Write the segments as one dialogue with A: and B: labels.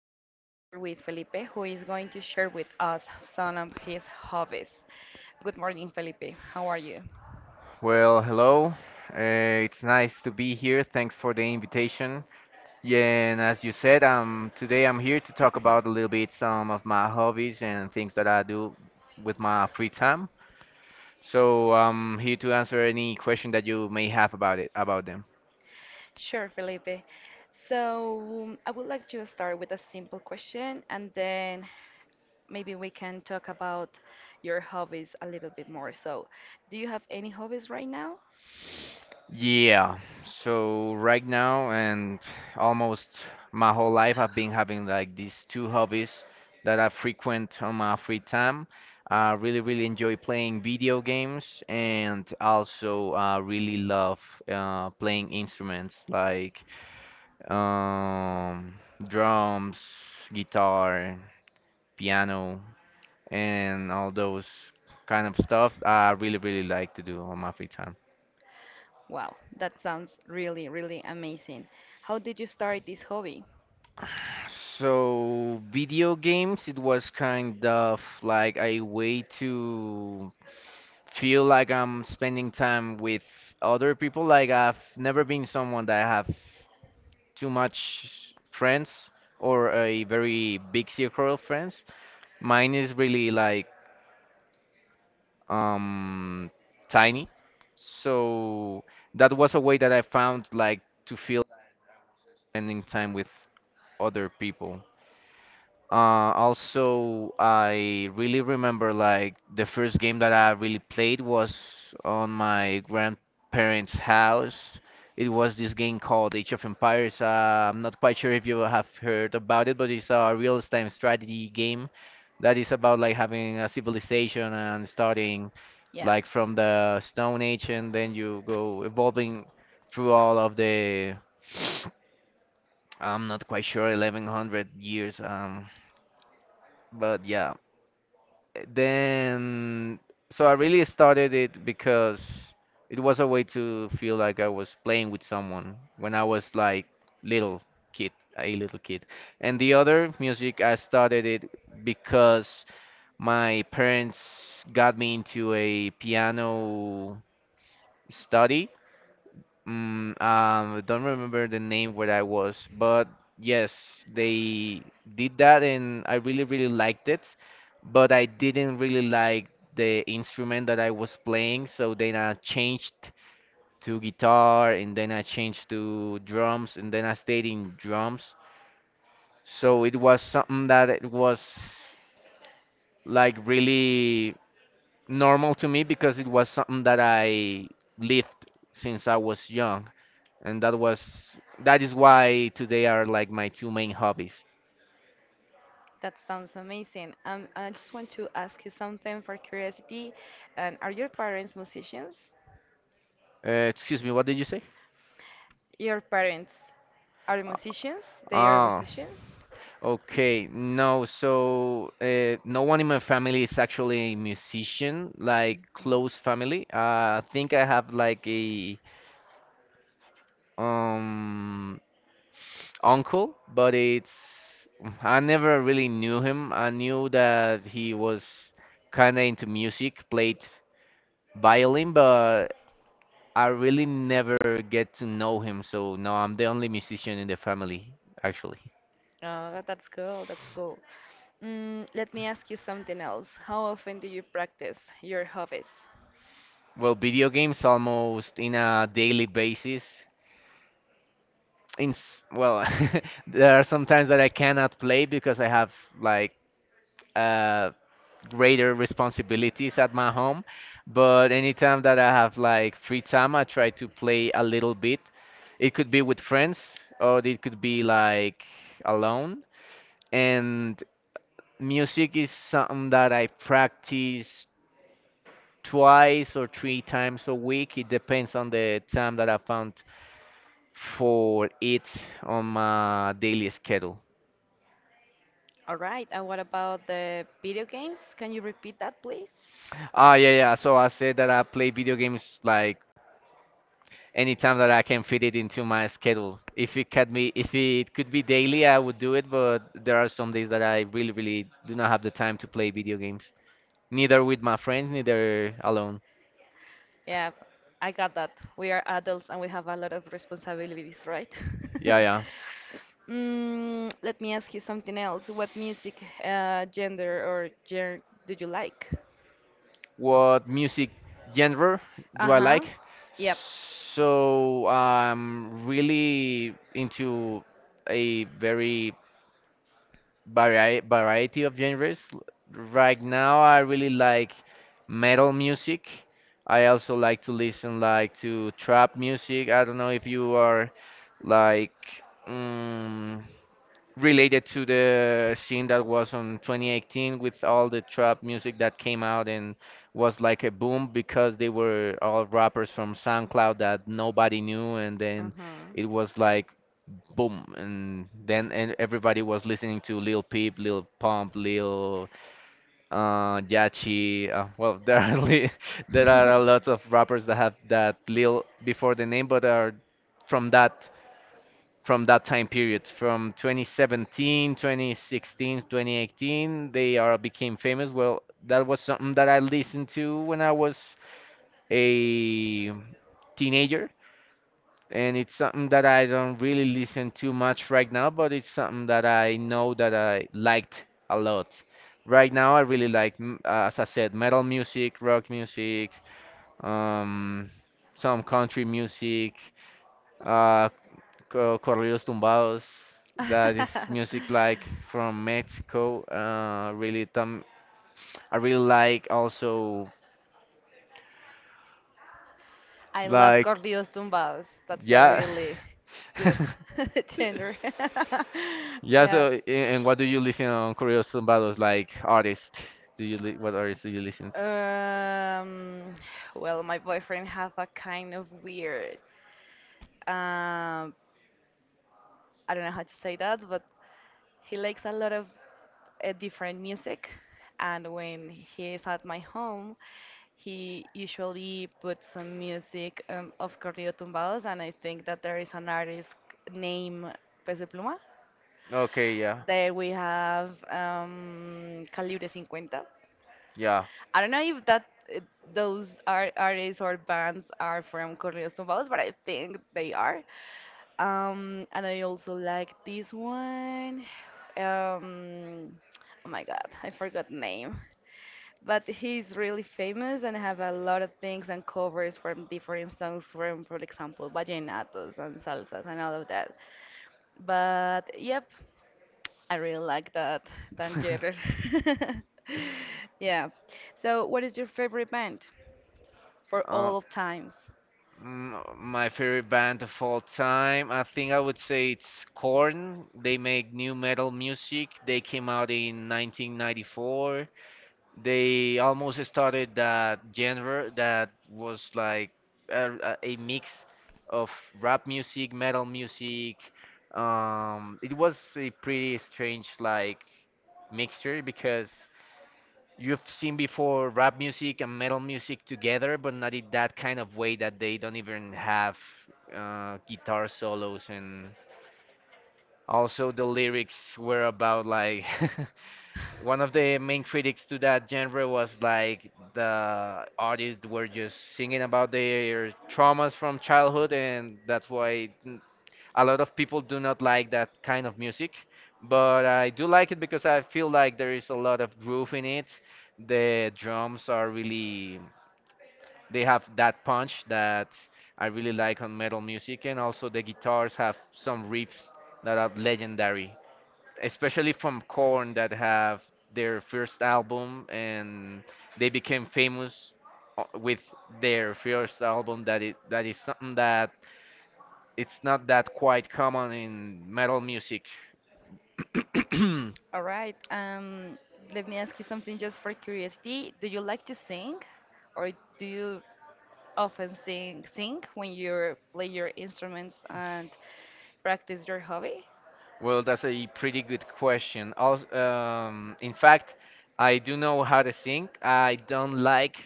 A: I'm here with Felipe, who is going to share with us some of his hobbies. Good morning, Felipe. How are you?
B: Well, hello. It's nice to be here. Thanks for the invitation. Yeah, and as you said, today I'm here to talk about a little bit some of my hobbies and things that I do with my free time. So I'm here to answer any question that you may have about it, about them.
A: Sure, Felipe. So I would like to start with a simple question and then maybe we can talk about your hobbies a little bit more. So, do you have any hobbies right now?
B: Yeah. So right now and almost my whole life, I've been having like these two hobbies that I frequent on my free time. I really, really enjoy playing video games, and also I really love playing instruments like um, drums, guitar, piano, and all those kind of stuff I really, really like to do on my free time.
A: Wow, that sounds really, really amazing. How did you start this hobby?
B: So, video games, it was kind of like a way to feel like I'm spending time with other people. Like, I've never been someone that have too much friends or a very big circle of friends. Mine is really like um tiny. So that was a way that I found like to feel spending time with other people. Also, I really remember like the first game that I really played was on my grandparents' house. It was this game called Age of Empires. I'm not quite sure if you have heard about it, but it's a real-time strategy game that is about like having a civilization and starting
A: Yeah.
B: like from the Stone Age, and then you go evolving through all of the I'm not quite sure, 1100 years. But yeah, then so I really started it because it was a way to feel like I was playing with someone when I was like little kid, a little kid. And the other music, I started it because my parents got me into a piano study don't remember the name where I was, but yes, they did that, and I really, really liked it. But I didn't really like the instrument that I was playing, so then I changed to guitar, and then I changed to drums, and then I stayed in drums. So it was something that it was like really normal to me because it was something that I lived since I was young, and that was that is why today are like my two main hobbies.
A: That sounds amazing. I just want to ask you something for curiosity. And are your parents musicians?
B: Excuse me, what did you say?
A: Your parents are musicians? They are
B: Ah,
A: musicians?
B: okay. No, so no one in my family is actually a musician, like close family. I think I have like a um uncle, but it's I never really knew him. I knew that he was kind of into music, played violin, but I really never get to know him, so no, I'm the only musician in the family, actually.
A: Oh, that's cool. That's cool. Let me ask you something else. How often do you practice your hobbies?
B: Well, video games almost in a daily basis. Well, there are some times that I cannot play because I have like uh greater responsibilities at my home, but anytime that I have like free time, I try to play a little bit. It could be with friends or it could be like alone. And music is something that I practice twice or three times a week. It depends on the time that I found for it on my daily schedule.
A: All right. And what about the video games? Can you repeat that, please?
B: Ah, yeah, yeah. So I said that I play video games like anytime that I can fit it into my schedule. If it could be daily, I would do it, but there are some days that I really, really do not have the time to play video games. Neither with my friends, neither alone.
A: Yeah, I got that. We are adults and we have a lot of responsibilities, right?
B: Yeah,
A: Yeah.
B: yeah.
A: Let me ask you something else. What music gender or genre do you like?
B: What music genre do I
A: Uh-huh.
B: like.
A: Yep.
B: So I'm really into a very variety of genres. Right now, I really like metal music. I also like to listen like to trap music. I don't know if you are like. mm related to the scene that was on 2018 with all the trap music that came out and was like a boom because they were all rappers from SoundCloud that nobody knew, and then
A: Mhm.
B: it was like boom, and then and everybody was listening to Lil Peep, Lil Pump, Lil Yachi. Well, there are li there are a lot of rappers that have that Lil before the name, but are from that from that time period, from 2017, 2016, 2018, they are became famous. Well, that was something that I listened to when I was a teenager, and it's something that I don't really listen to much right now, but it's something that I know that I liked a lot. Right now I really like as I said, metal music, rock music, um some country music, uh Corridos Tumbados. That is music like from Mexico. Really, tam I really like also
A: I love
B: like
A: corridos tumbados. That's a
B: yeah,
A: really good gender.
B: yeah.
A: Yeah.
B: So, and what do you listen on Corridos Tumbados? Like artist? Do you li what artists do you listen
A: Um, well, my boyfriend have a kind of weird. Um, I don't know how to say that, but he likes a lot of different music, and when he is at my home, he usually puts some music of corrido tumbados, and I think that there is an artist named Peso Pluma.
B: to? Okay, yeah,
A: There we have Calibre 50.
B: yeah.
A: I don't know if that uh, those artists or bands are from Correos Tumbados, but I think they are. And I also like this one. Um, oh my God, I forgot name. But he's really famous and have a lot of things and covers from different songs from, for example, vallenatos and salsas and all of that. But yep, I really like that Dan Gerrer. Yeah. So, what is your favorite band for
B: uh,
A: all of times?
B: My favorite band of all time, I think I would say it's Korn. They make new metal music. They came out in 1994. They almost started that genre that was like a mix of rap music, metal music. It was a pretty strange like mixture because you've seen before rap music and metal music together, but not in that kind of way that they don't even have guitar solos, and also the lyrics were about like one of the main critics to that genre was like the artists were just singing about their traumas from childhood, and that's why a lot of people do not like that kind of music. But I do like it because I feel like there is a lot of groove in it. The drums are really, they have that punch that I really like on metal music, and also the guitars have some riffs that are legendary, especially from Korn, that have their first album, and they became famous with their first album that it that is something that it's not that quite common in metal music.
A: All right. Let me ask you something just for curiosity. Do you like to sing, or do you often sing when you play your instruments and practice your hobby?
B: Well, that's a pretty good question. Also, in fact, I do know how to sing. I don't like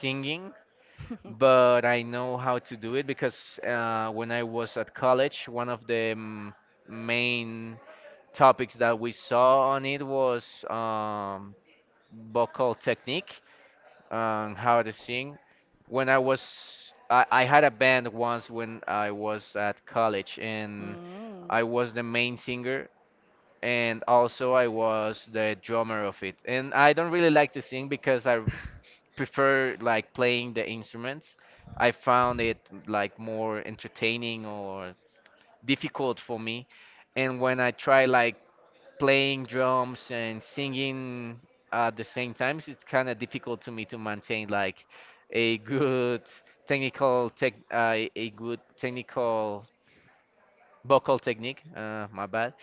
B: singing, but I know how to do it because when I was at college, one of the main topics that we saw on it was vocal technique and how to sing. I had a band once when I was at college, and
A: Mm.
B: I was the main singer, and also I was the drummer of it. And I don't really like to sing because I prefer like playing the instruments. I found it like more entertaining or difficult for me. And when I try like playing drums and singing at the same time, so it's kind of difficult to me to maintain like a good a good technical vocal technique. My bad.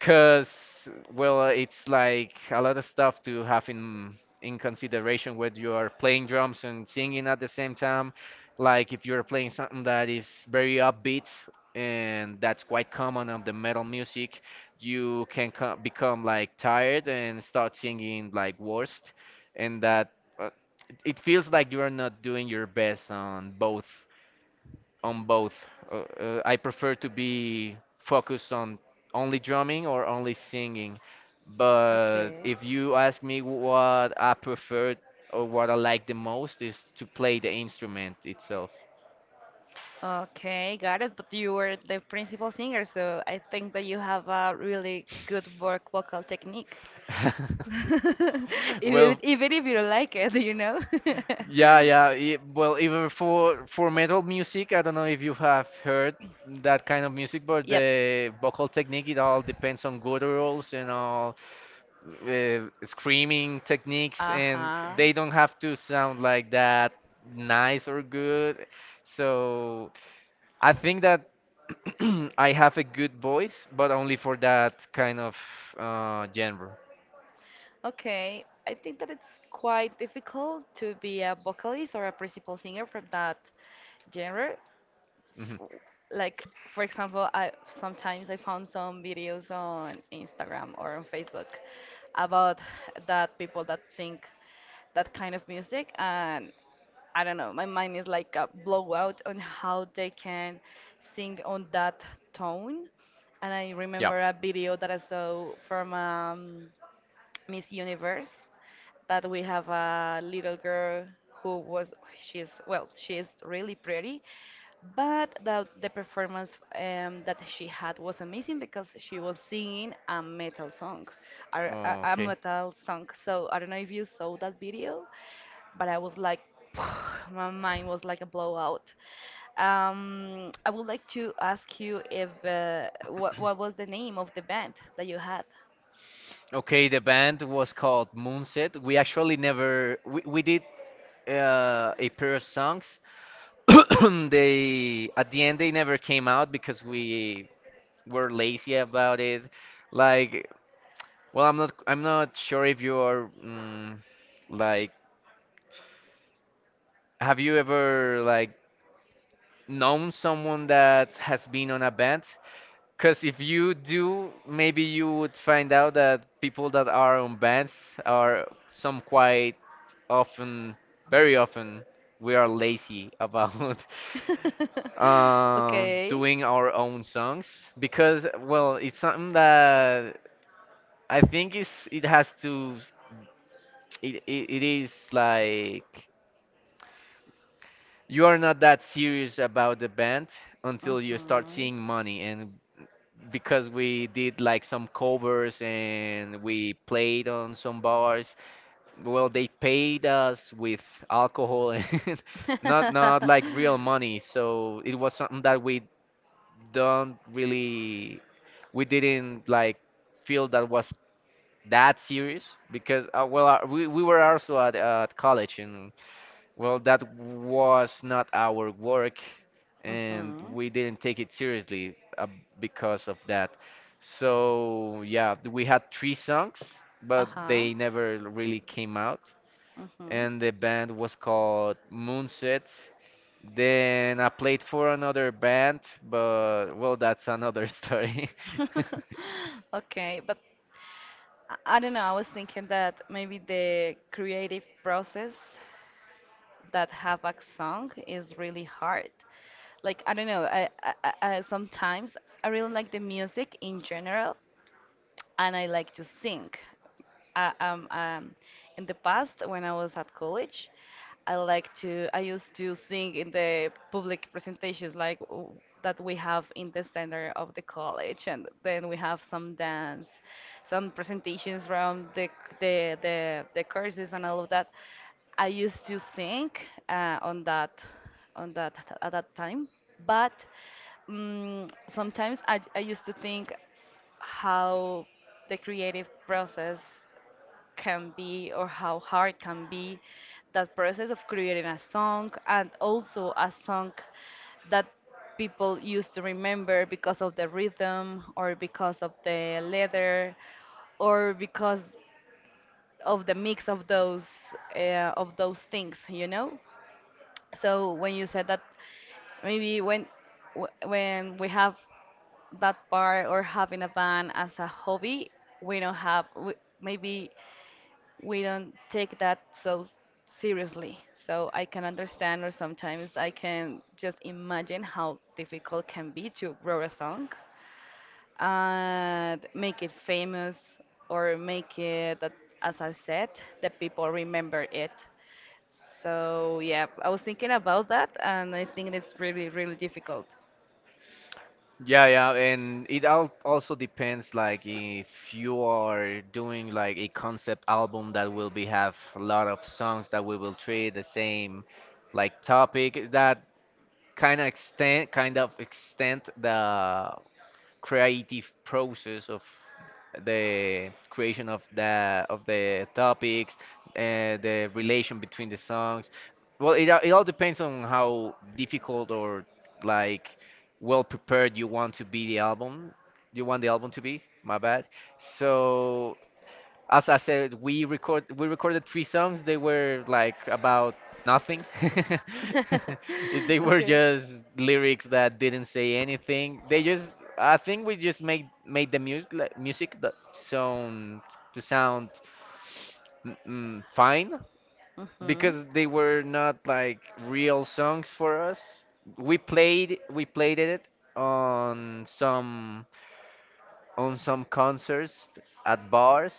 B: Cause well, it's like a lot of stuff to have in consideration when you are playing drums and singing at the same time. Like if you're playing something that is very upbeat, and that's quite common of the metal music, you can co become like tired and start singing like worst, and that uh, it feels like you are not doing your best on both. I prefer to be focused on only drumming or only singing. But
A: Okay.
B: if you ask me what I prefer or what I like the most is to play the instrument itself.
A: Okay, got it. But you were the principal singer, so I think that you have a really good work vocal technique. Even
B: Well,
A: even if you don't like it, you know?
B: yeah, yeah. Well, even for metal music, I don't know if you have heard that kind of music, but
A: Yep.
B: the vocal technique it all depends on gutturals and all screaming techniques, and
A: Uh-huh.
B: they don't have to sound like that nice or good. So I think that I have a good voice, but only for that kind of genre.
A: Okay, I think that it's quite difficult to be a vocalist or a principal singer from that genre,
B: Mhm.
A: f- like for example, I sometimes I found some videos on Instagram or on Facebook about that people that sing that kind of music, and I don't know, my mind is like a blowout on how they can sing on that tone. And I remember a video that I saw from Miss Universe that we have a little girl who was, she's well, she is really pretty, but the performance that she had was amazing because she was singing a metal song, a
B: Okay.
A: metal song. So I don't know if you saw that video, but I was like, my mind was like a blowout. I would like to ask you if what was the name of the band that you had?
B: Okay, the band was called Moonset. We actually never we, we did a pair of songs. They at the end they never came out because we were lazy about it. Like, well, I'm not sure if you are like have you ever like known someone that has been on a band? Because if you do, maybe you would find out that people that are on bands are some quite often, very often, we are lazy about
A: Okay.
B: doing our own songs because, well, it's something that I think is it has to it is like you are not that serious about the band until you start
A: Mhm.
B: seeing money, and because we did like some covers and we played on some bars. Well, they paid us with alcohol and not like real money. So it was something that we don't really we didn't feel that was that serious because well, we were also at college and well, that was not our work, and
A: Mhm.
B: we didn't take it seriously because of that. So, yeah, we had three songs, but
A: Uh-huh.
B: they never really came out.
A: Mhm.
B: And the band was called Moonset. Then I played for another band, but well, that's another story.
A: Okay, but I don't know. I was thinking that maybe the creative process that have a song is really hard. Like I don't know. Sometimes I really like the music in general, and I like to sing. uh, um, um, in the past when I was at college, I used to sing in the public presentations that we have in the center of the college, and then we have some dance, some presentations around the courses and all of that. I used to sing uh, on that on that at that time, but sometimes I used to think how the creative process can be or how hard can be that process of creating a song, and also a song that people used to remember because of the rhythm or because of the leather or because of the mix of those things, you know. So when you said that, maybe when when we have that part or having a band as a hobby, we don't have we, maybe we don't take that so seriously. So I can understand, or sometimes I can just imagine how difficult can be to grow a song and make it famous or make it that, as I said, that people remember it. So yeah, I was thinking about that, and I think it's really, really difficult.
B: Yeah, yeah, and it al also depends, like if you are doing like a concept album that will be have a lot of songs that we will treat the same like topic that kind of extend the creative process of the creation of the topics, the relation between the songs. Well, it all depends on how difficult or like well prepared you want to be the album. You want the album to be? My bad. So as I said, we recorded three songs. They were like about nothing. They were
A: Okay.
B: just lyrics that didn't say anything. They just, I think we just made the music like, music that sound fine,
A: Mhm.
B: because they were not like real songs for us. We played it on some on some concerts at bars,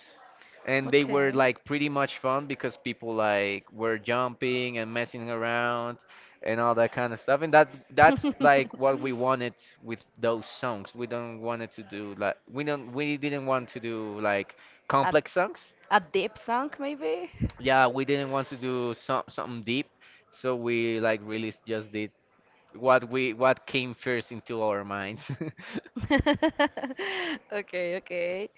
B: and they were
A: Okay.
B: like pretty much fun because people like were jumping and messing around and all that kind of stuff, and that that's like what we wanted with those songs. We don't wanted to do like we don't we didn't want to do like
A: A
B: complex songs,
A: a deep song, maybe?
B: yeah, we didn't want to do something deep, so we like really just did what came first into our minds.
A: Okay, okay.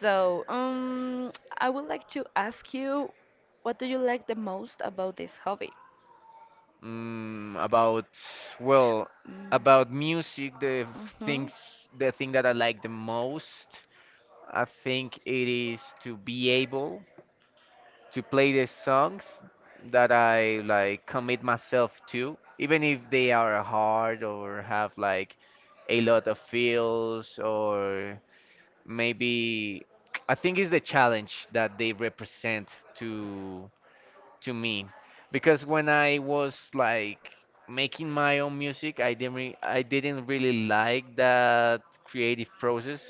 A: So, I would like to ask you, what do you like the most about this hobby?
B: Mm, about, well, about
A: Mm.
B: music, the
A: Mhm.
B: things, the thing that I like the most, I think it is to be able to play the songs that I like commit myself to, even if they are hard or have like a lot of feels, or maybe, I think it's the challenge that they represent to to me, because when I was like making my own music, I didn't really like that creative process.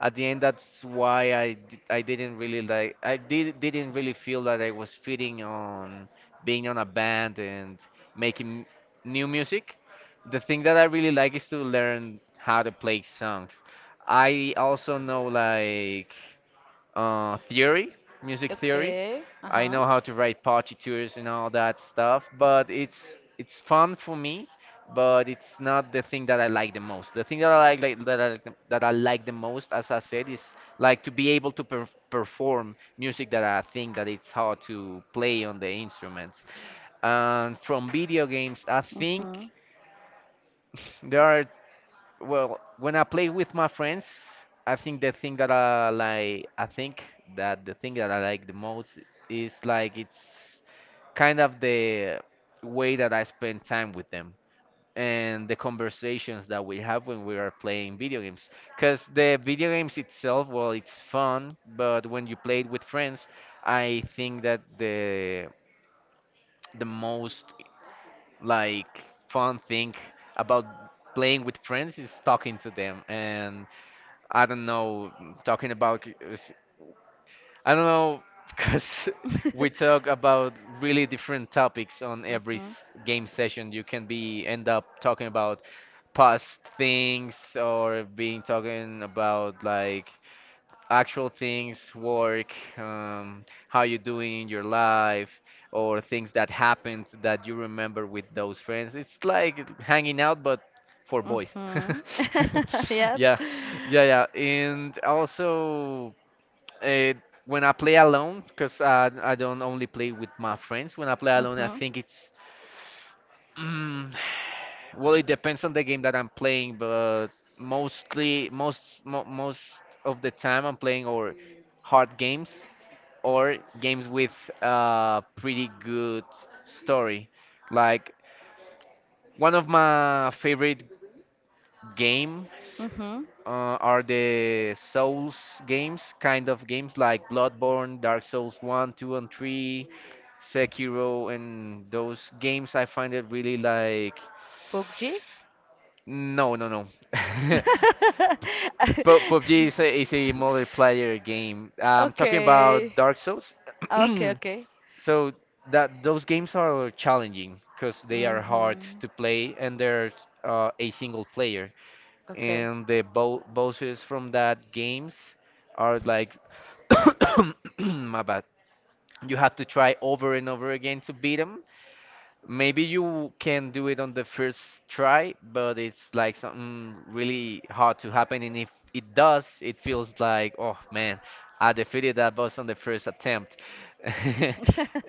B: At the end, that's why I didn't really like, I did didn't really feel that I was fitting on being on a band and making new music. The thing that I really like is to learn how to play songs. I also know like theory, music theory.
A: Okay. Uh
B: I
A: huh.
B: know how to write partitures and all that stuff, but it's fun for me, but it's not the thing that I like the most. The thing that I like that I like the, that I like the most, as I said, is like to be able to perform music that I think that it's hard to play on the instruments. And from video games, I
A: Uh huh.
B: think
A: Mhm.
B: there are, well, when I play with my friends, I think the thing that I like the most is like, it's kind of the way that I spend time with them and the conversations that we have when we are playing video games. Because the video games itself, well, it's fun, but when you play it with friends, I think that the most like fun thing about playing with friends is talking to them and, I don't know, talking about, I don't know, because we talk about really different topics on every
A: Mhm.
B: game session. You can be end up talking about past things or being talking about like actual things, work, how you doing in your life, or things that happened that you remember with those friends. It's like hanging out, but for boys.
A: Yep.
B: Yeah, yeah, yeah. And also, uh, when I play alone, because I don't only play with my friends, when I play alone, I
A: Mhm.
B: think it's, mm, well, it depends on the game that I'm playing, but mostly, most of the time, I'm playing or hard games, or games with a pretty good story. Like one of my favorite games,
A: Mhm.
B: are the Souls games, kind of games like Bloodborne, Dark Souls 1, 2, and 3, Sekiro, and those games I find it really like.
A: PUBG?
B: No, no, no. PUBG is a multiplayer game. I'm talking
A: Okay.
B: about Dark Souls.
A: Okay, okay.
B: So that those games are challenging because they are hard
A: Mhm.
B: to play and they're a single player.
A: Okay.
B: And the bo bosses from that games are like, my bad. You have to try over and over again to beat them. Maybe you can do it on the first try, but it's like something really hard to happen. And if it does, it feels like, oh man, I defeated that boss on the first attempt.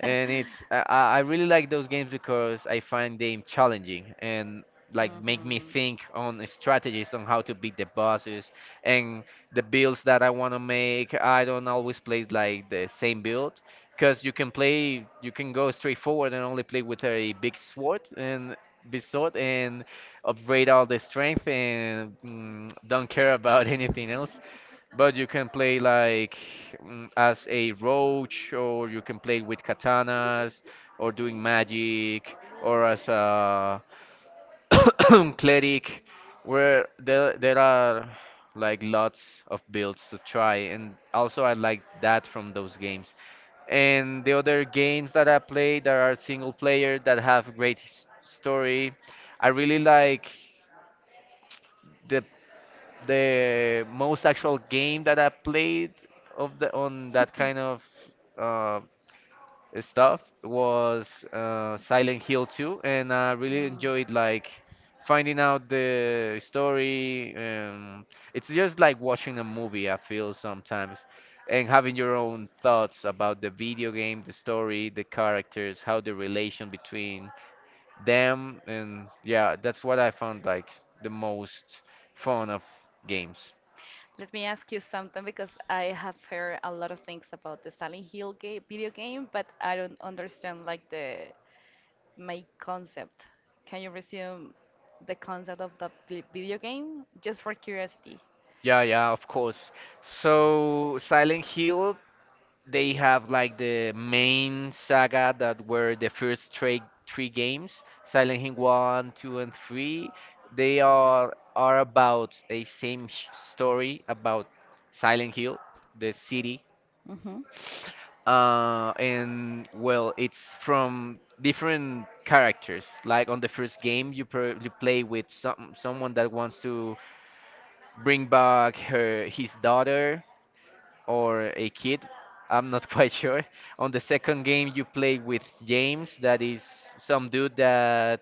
B: And it's, I really like those games because I find them challenging and like make me think on strategies on how to beat the bosses and the builds that I want to make. I don't always play like the same build, because you can play, you can go straight forward and only play with a big sword and big sword and upgrade all the strength and, mm, don't care about anything else, but you can play like, mm, as a roach, or you can play with katanas, or doing magic, or as a cleric, where there are like lots of builds to try, and also I like that from those games. And the other games that I play that are single player that have great story, I really like the the most actual game that I played of the on that kind of uh, stuff was, Silent Hill 2, and I
A: Mhm. Mm.
B: really enjoyed like finding out the story. And it's just like watching a movie, I feel sometimes, and having your own thoughts about the video game, the story, the characters, how the relation between them, and yeah, that's what I found like the most fun of games.
A: Let me ask you something, because I have heard a lot of things about the Silent Hill video game, but I don't understand like the main concept. Can you resume the concept of the video game just for curiosity?
B: Yeah, yeah, of course. So Silent Hill, they have like the main saga that were the first three games, Silent Hill 1, 2 and 3. They are about a same story about Silent Hill, the city.
A: Mm-hmm.
B: And well, it's from different characters. Like on the first game, you play with some someone that wants to bring back her his daughter or a kid, I'm not quite sure. On the second game, you play with James, that is some dude that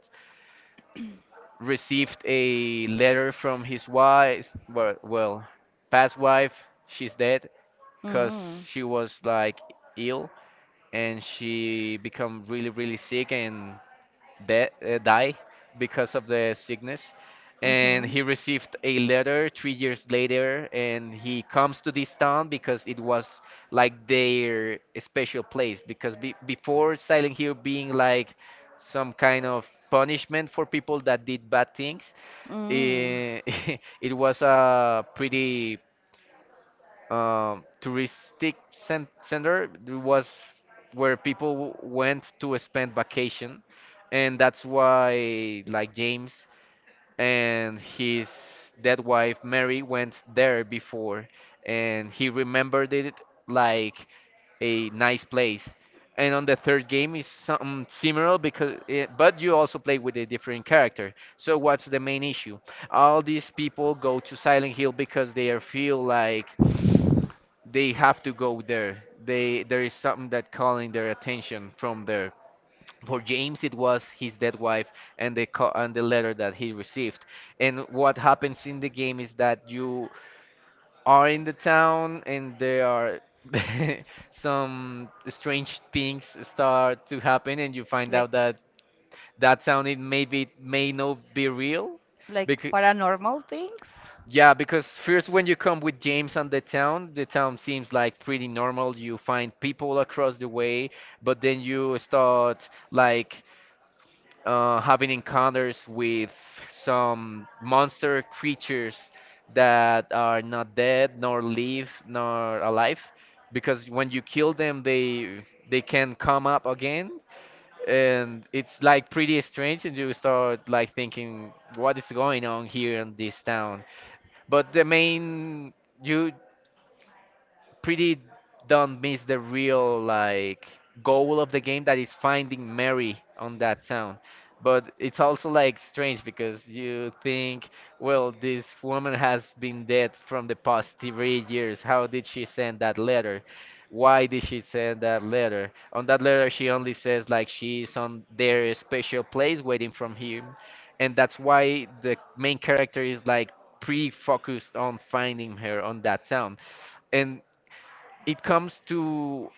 B: received a letter from his wife, well, past wife, she's dead, because she
A: Mm-hmm.
B: was like ill and she become really, really sick and die because of the sickness. And
A: Mm-hmm.
B: he received a letter 3 years later, and he comes to this town because it was like their special place. Because before Silent Hill being like some kind of punishment for people that did bad things,
A: Mm.
B: eh, it was a pretty touristic center, was where people went to spend vacation, and that's why like James and his dead wife Mary went there before, and he remembered it like a nice place. And on the third game is something similar, because, it, but you also play with a different character. So what's the main issue? All these people go to Silent Hill because they are feel like they have to go there. They, there is something that calling their attention from there. For James, it was his dead wife and the letter that he received. And what happens in the game is that you are in the town and there are some strange things start to happen, and you find
A: like
B: out that that town it maybe may not be real
A: like
B: because.
A: paranormal things?
B: Yeah, because first when you come with James and the town seems like pretty normal. You find people across the way, but then you start like having encounters with some monster creatures that are not dead, nor live, nor alive, because when you kill them, they can come up again, and it's like pretty strange, and you start like thinking, what is going on here in this town? But the main, you pretty don't miss the real like goal of the game that is finding Mary on that town. But it's also like strange because you think, well, this woman has been dead from the past 3 years. How did she send that letter? Why did she send that letter? On that letter, she only says like she's on their special place waiting from him, and that's why the main character is like pre-focused on finding her on that town and it comes to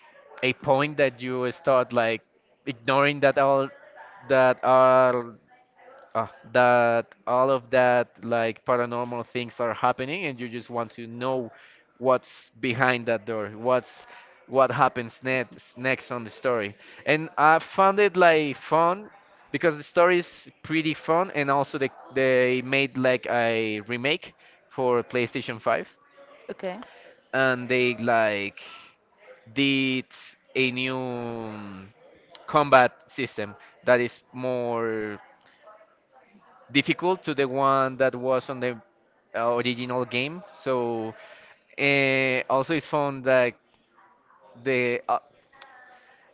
B: a point that you start like ignoring that all uh, that all of that like paranormal things are happening, and you just want to know what's behind that door, what happens next on the story. And I found it like fun because the story is pretty fun. And also they made like a remake for playstation 5.
A: Okay.
B: And they like did a new combat system that is more difficult to the one that was on the original game. So also it's found that the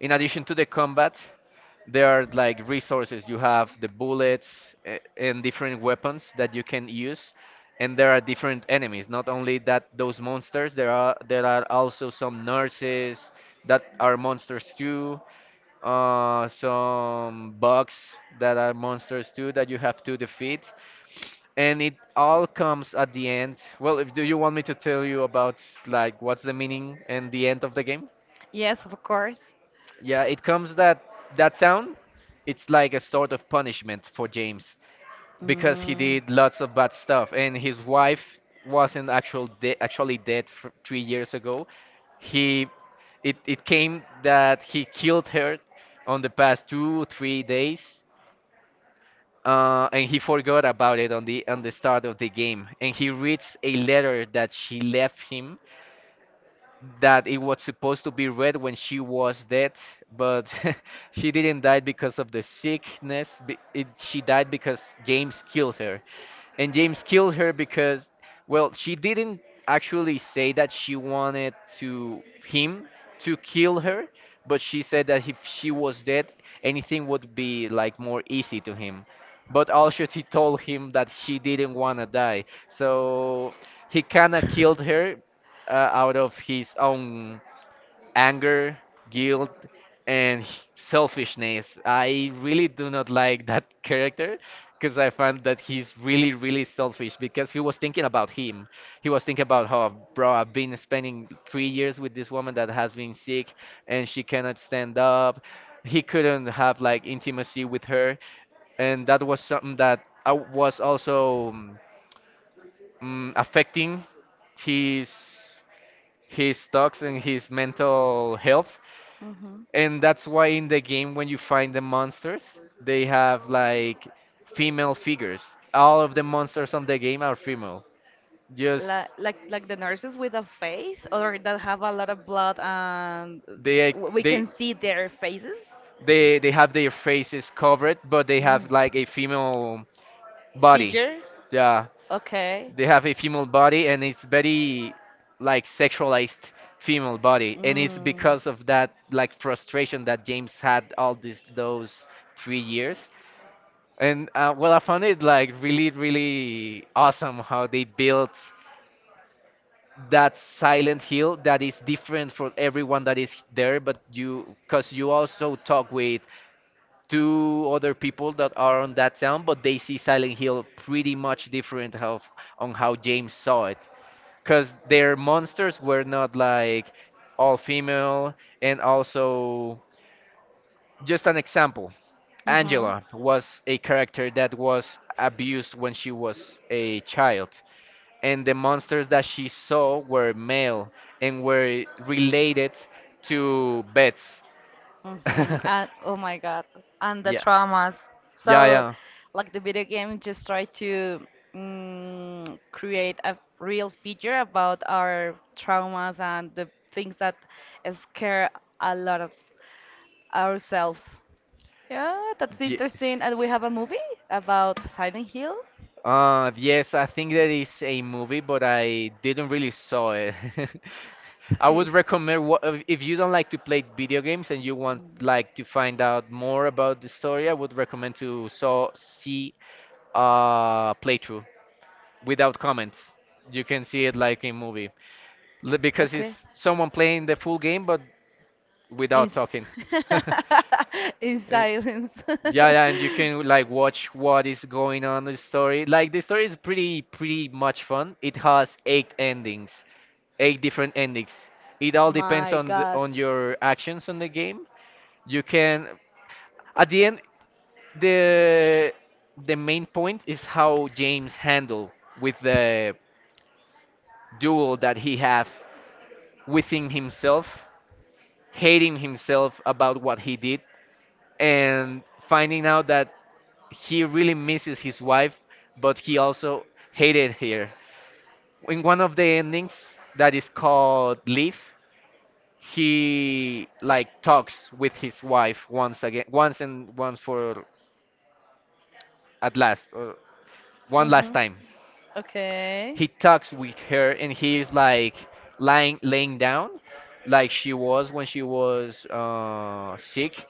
B: in addition to the combat, there are like resources. You have the bullets, and different weapons that you can use. And there are different enemies. Not only that, those monsters. There are also some nurses that are monsters too. Uh, some bugs that are monsters too that you have to defeat. And it all comes at the end. Well, if do you want me to tell you about like what's the meaning and the end of the game?
A: Yes, of course.
B: Yeah, it comes that that town, it's like a sort of punishment for James because he
A: Mm.
B: did lots of bad stuff and his wife wasn't actual de actually dead f 3 years ago. He it came that he killed her on the past two, 3 days. And he forgot about it on the start of the game. And he reads a letter that she left him that it was supposed to be read when she was dead, but she didn't die because of the sickness. She died because James killed her. And James killed her because, well, she didn't actually say that she wanted to him to kill her, but she said that if she was dead, anything would be like more easy to him. But also she told him that she didn't wanna die, so he kinda killed her out of his own anger, guilt, and selfishness. I really do not like that character because I find that he's really, really selfish because he was thinking about him. He was thinking about how, bro, I've been spending 3 years with this woman that has been sick and she cannot stand up. He couldn't have like intimacy with her. And that was something that I was also affecting his his thoughts and his mental health.
A: Mhm.
B: And that's why in the game, when you find the monsters, they have like female figures. All of the monsters on the game are female. Just
A: Like the nurses with a face or that have a lot of blood, and
B: they
A: we
B: they
A: can see their faces.
B: they have their faces covered, but they have like
A: Mm.
B: a female body.
A: Figure.
B: Yeah,
A: Okay.
B: they have a female body and it's very like sexualized female body and it's
A: Mm.
B: because of that like frustration that James had all these those 3 years. And well, I found it like really, really awesome how they built that Silent Hill, that is different for everyone that is there but you, because you also talk with two other people that are on that town but they see Silent Hill pretty much different of on how James saw it because their monsters were not like all female. And also, just an example,
A: Mhm.
B: Angela was a character that was abused when she was a child, and the monsters that she saw were male and were related to bats.
A: Mm-hmm. And oh my God, and the
B: yeah
A: traumas.
B: yeah
A: So,
B: yeah
A: like, the video game just try to create a real feature about our traumas and the things that scare a lot of ourselves. Yeah, that's
B: Ye-
A: interesting. And we have a movie about Silent Hill.
B: Yes, I think that is a movie, but I didn't really saw it. I would recommend if you don't like to play video games and you want like to find out more about the story, I would recommend to saw see playthrough without comments. You can see it like a movie.
A: Mm.
B: Because it's
A: Okay.
B: someone playing the full game but
A: in,
B: without talking.
A: in silence.
B: Yeah, yeah, and you can like watch what is going on in the story. Like the story is pretty much fun. It has eight endings, eight different endings. It all depends
A: My
B: on the,
A: God.
B: on your actions on the game. You can at the end, the the main point is how James handle with the duel that he have within himself, hating himself about what he did and finding out that he really misses his wife, but he also hated her. In one of the endings that is called Leave, he like talks with his wife once again, once and once for at last, or one last
A: Mhm.
B: time. He
A: Okay.
B: talks with her, and he is like lying laying down, like she was when she was sick,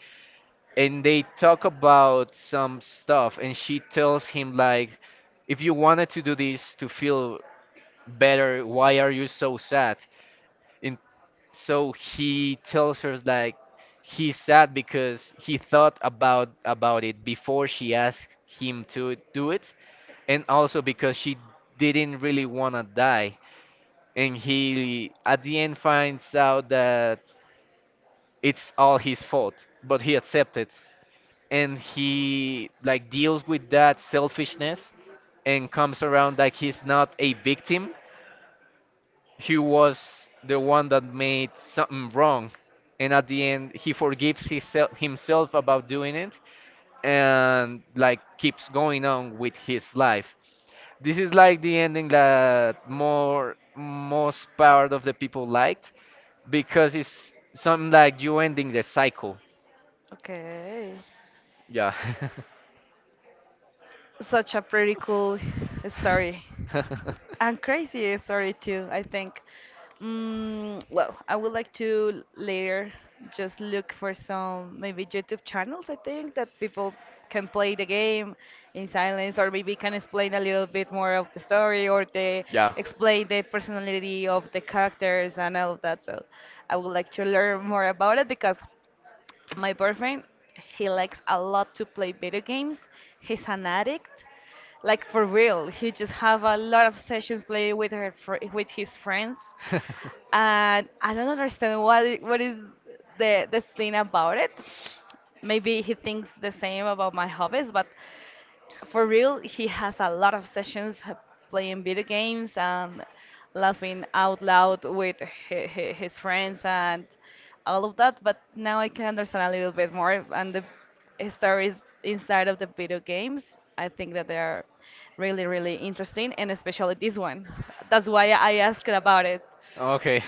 B: and they talk about some stuff, and she tells him like, if you wanted to do this to feel better, why are you so sad? And so he tells her like he's sad because he thought about it before she asked him to do it, and also because she didn't really want to die. And he at the end finds out that it's all his fault, but he accepts it and he like deals with that selfishness and comes around like he's not a victim, he was the one that made something wrong. And at the end, he forgives himself about doing it and like keeps going on with his life. This is like the ending that more most part of the people liked because it's something like you ending the cycle.
A: Okay.
B: Yeah.
A: Such a pretty cool story. And crazy story too, I think. Mm, well, I would like to later just look for some maybe YouTube channels, I think, that people can play the game in silence, or maybe can explain a little bit more of the story, or they
B: Yeah.
A: explain the personality of the characters and all of that. So I would like to learn more about it because my boyfriend, he likes a lot to play video games. He's an addict. Like for real, he just have a lot of sessions playing with her fr with his friends. And I don't understand what is the thing about it. Maybe he thinks the same about my hobbies, but for real, he has a lot of sessions playing video games and laughing out loud with his friends and all of that. But now I can understand a little bit more. And the stories inside of the video games, I think that they are really, really interesting, and especially this one. That's why I asked about it.
B: Okay.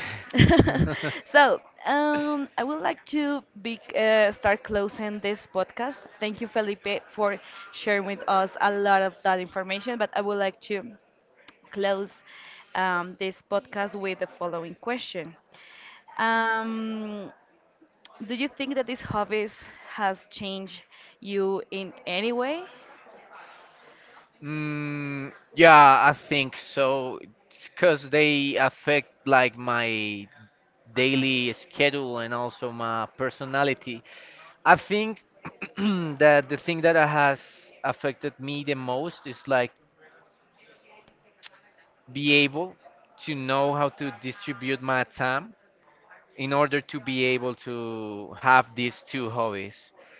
A: So I would like to be, start closing this podcast. Thank you, Felipe, for sharing with us a lot of that information. But I would like to close this podcast with the following question. Um, do you think that these hobbies has changed you in any way?
B: Mm, yeah, I think so. Because they affect like my daily schedule and also my personality. I think that the thing that has affected me the most is like be able to know how to distribute my time in order to be able to have these two hobbies.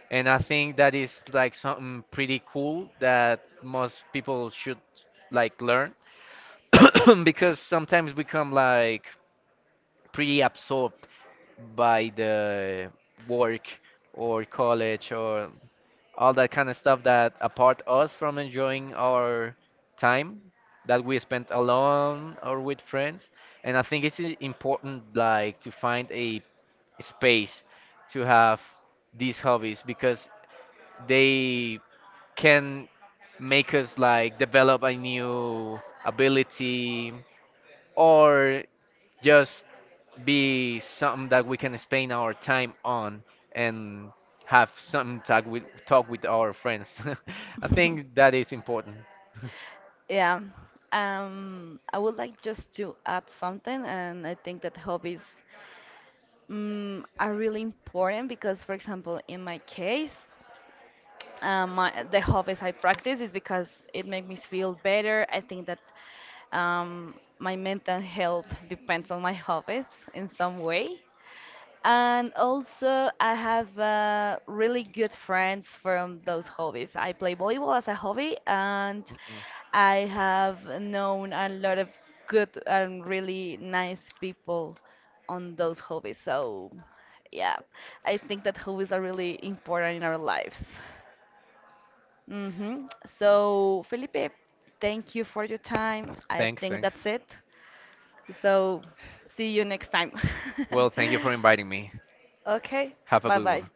B: And I think that is like something pretty cool that most people should like learn because sometimes we become like pretty absorbed by the work or college or all that kind of stuff that apart us from enjoying our time that we spent alone or with friends. And I think it's important like to find a space to have these hobbies because they can make us like develop a new ability or just be something that we can spend our time on and have some talk with our friends. I think that is important.
A: Yeah. I would like just to add something, and I think that hobbies are really important because, for example, in my case, the hobbies I practice is because it makes me feel better. I think that my mental health depends on my hobbies in some way. And also, I have really good friends from those hobbies. I play volleyball as a hobby, and
B: Mm-mm.
A: I have known a lot of good and really nice people on those hobbies. So, yeah, I think that hobbies are really important in our lives. Hmm. So, Felipe, thank you for your time. I
B: Thanks,
A: think
B: thanks.
A: that's it. So, see you next time.
B: Well, thank you for inviting me.
A: Okay,
B: Have a
A: bye
B: good one.
A: bye.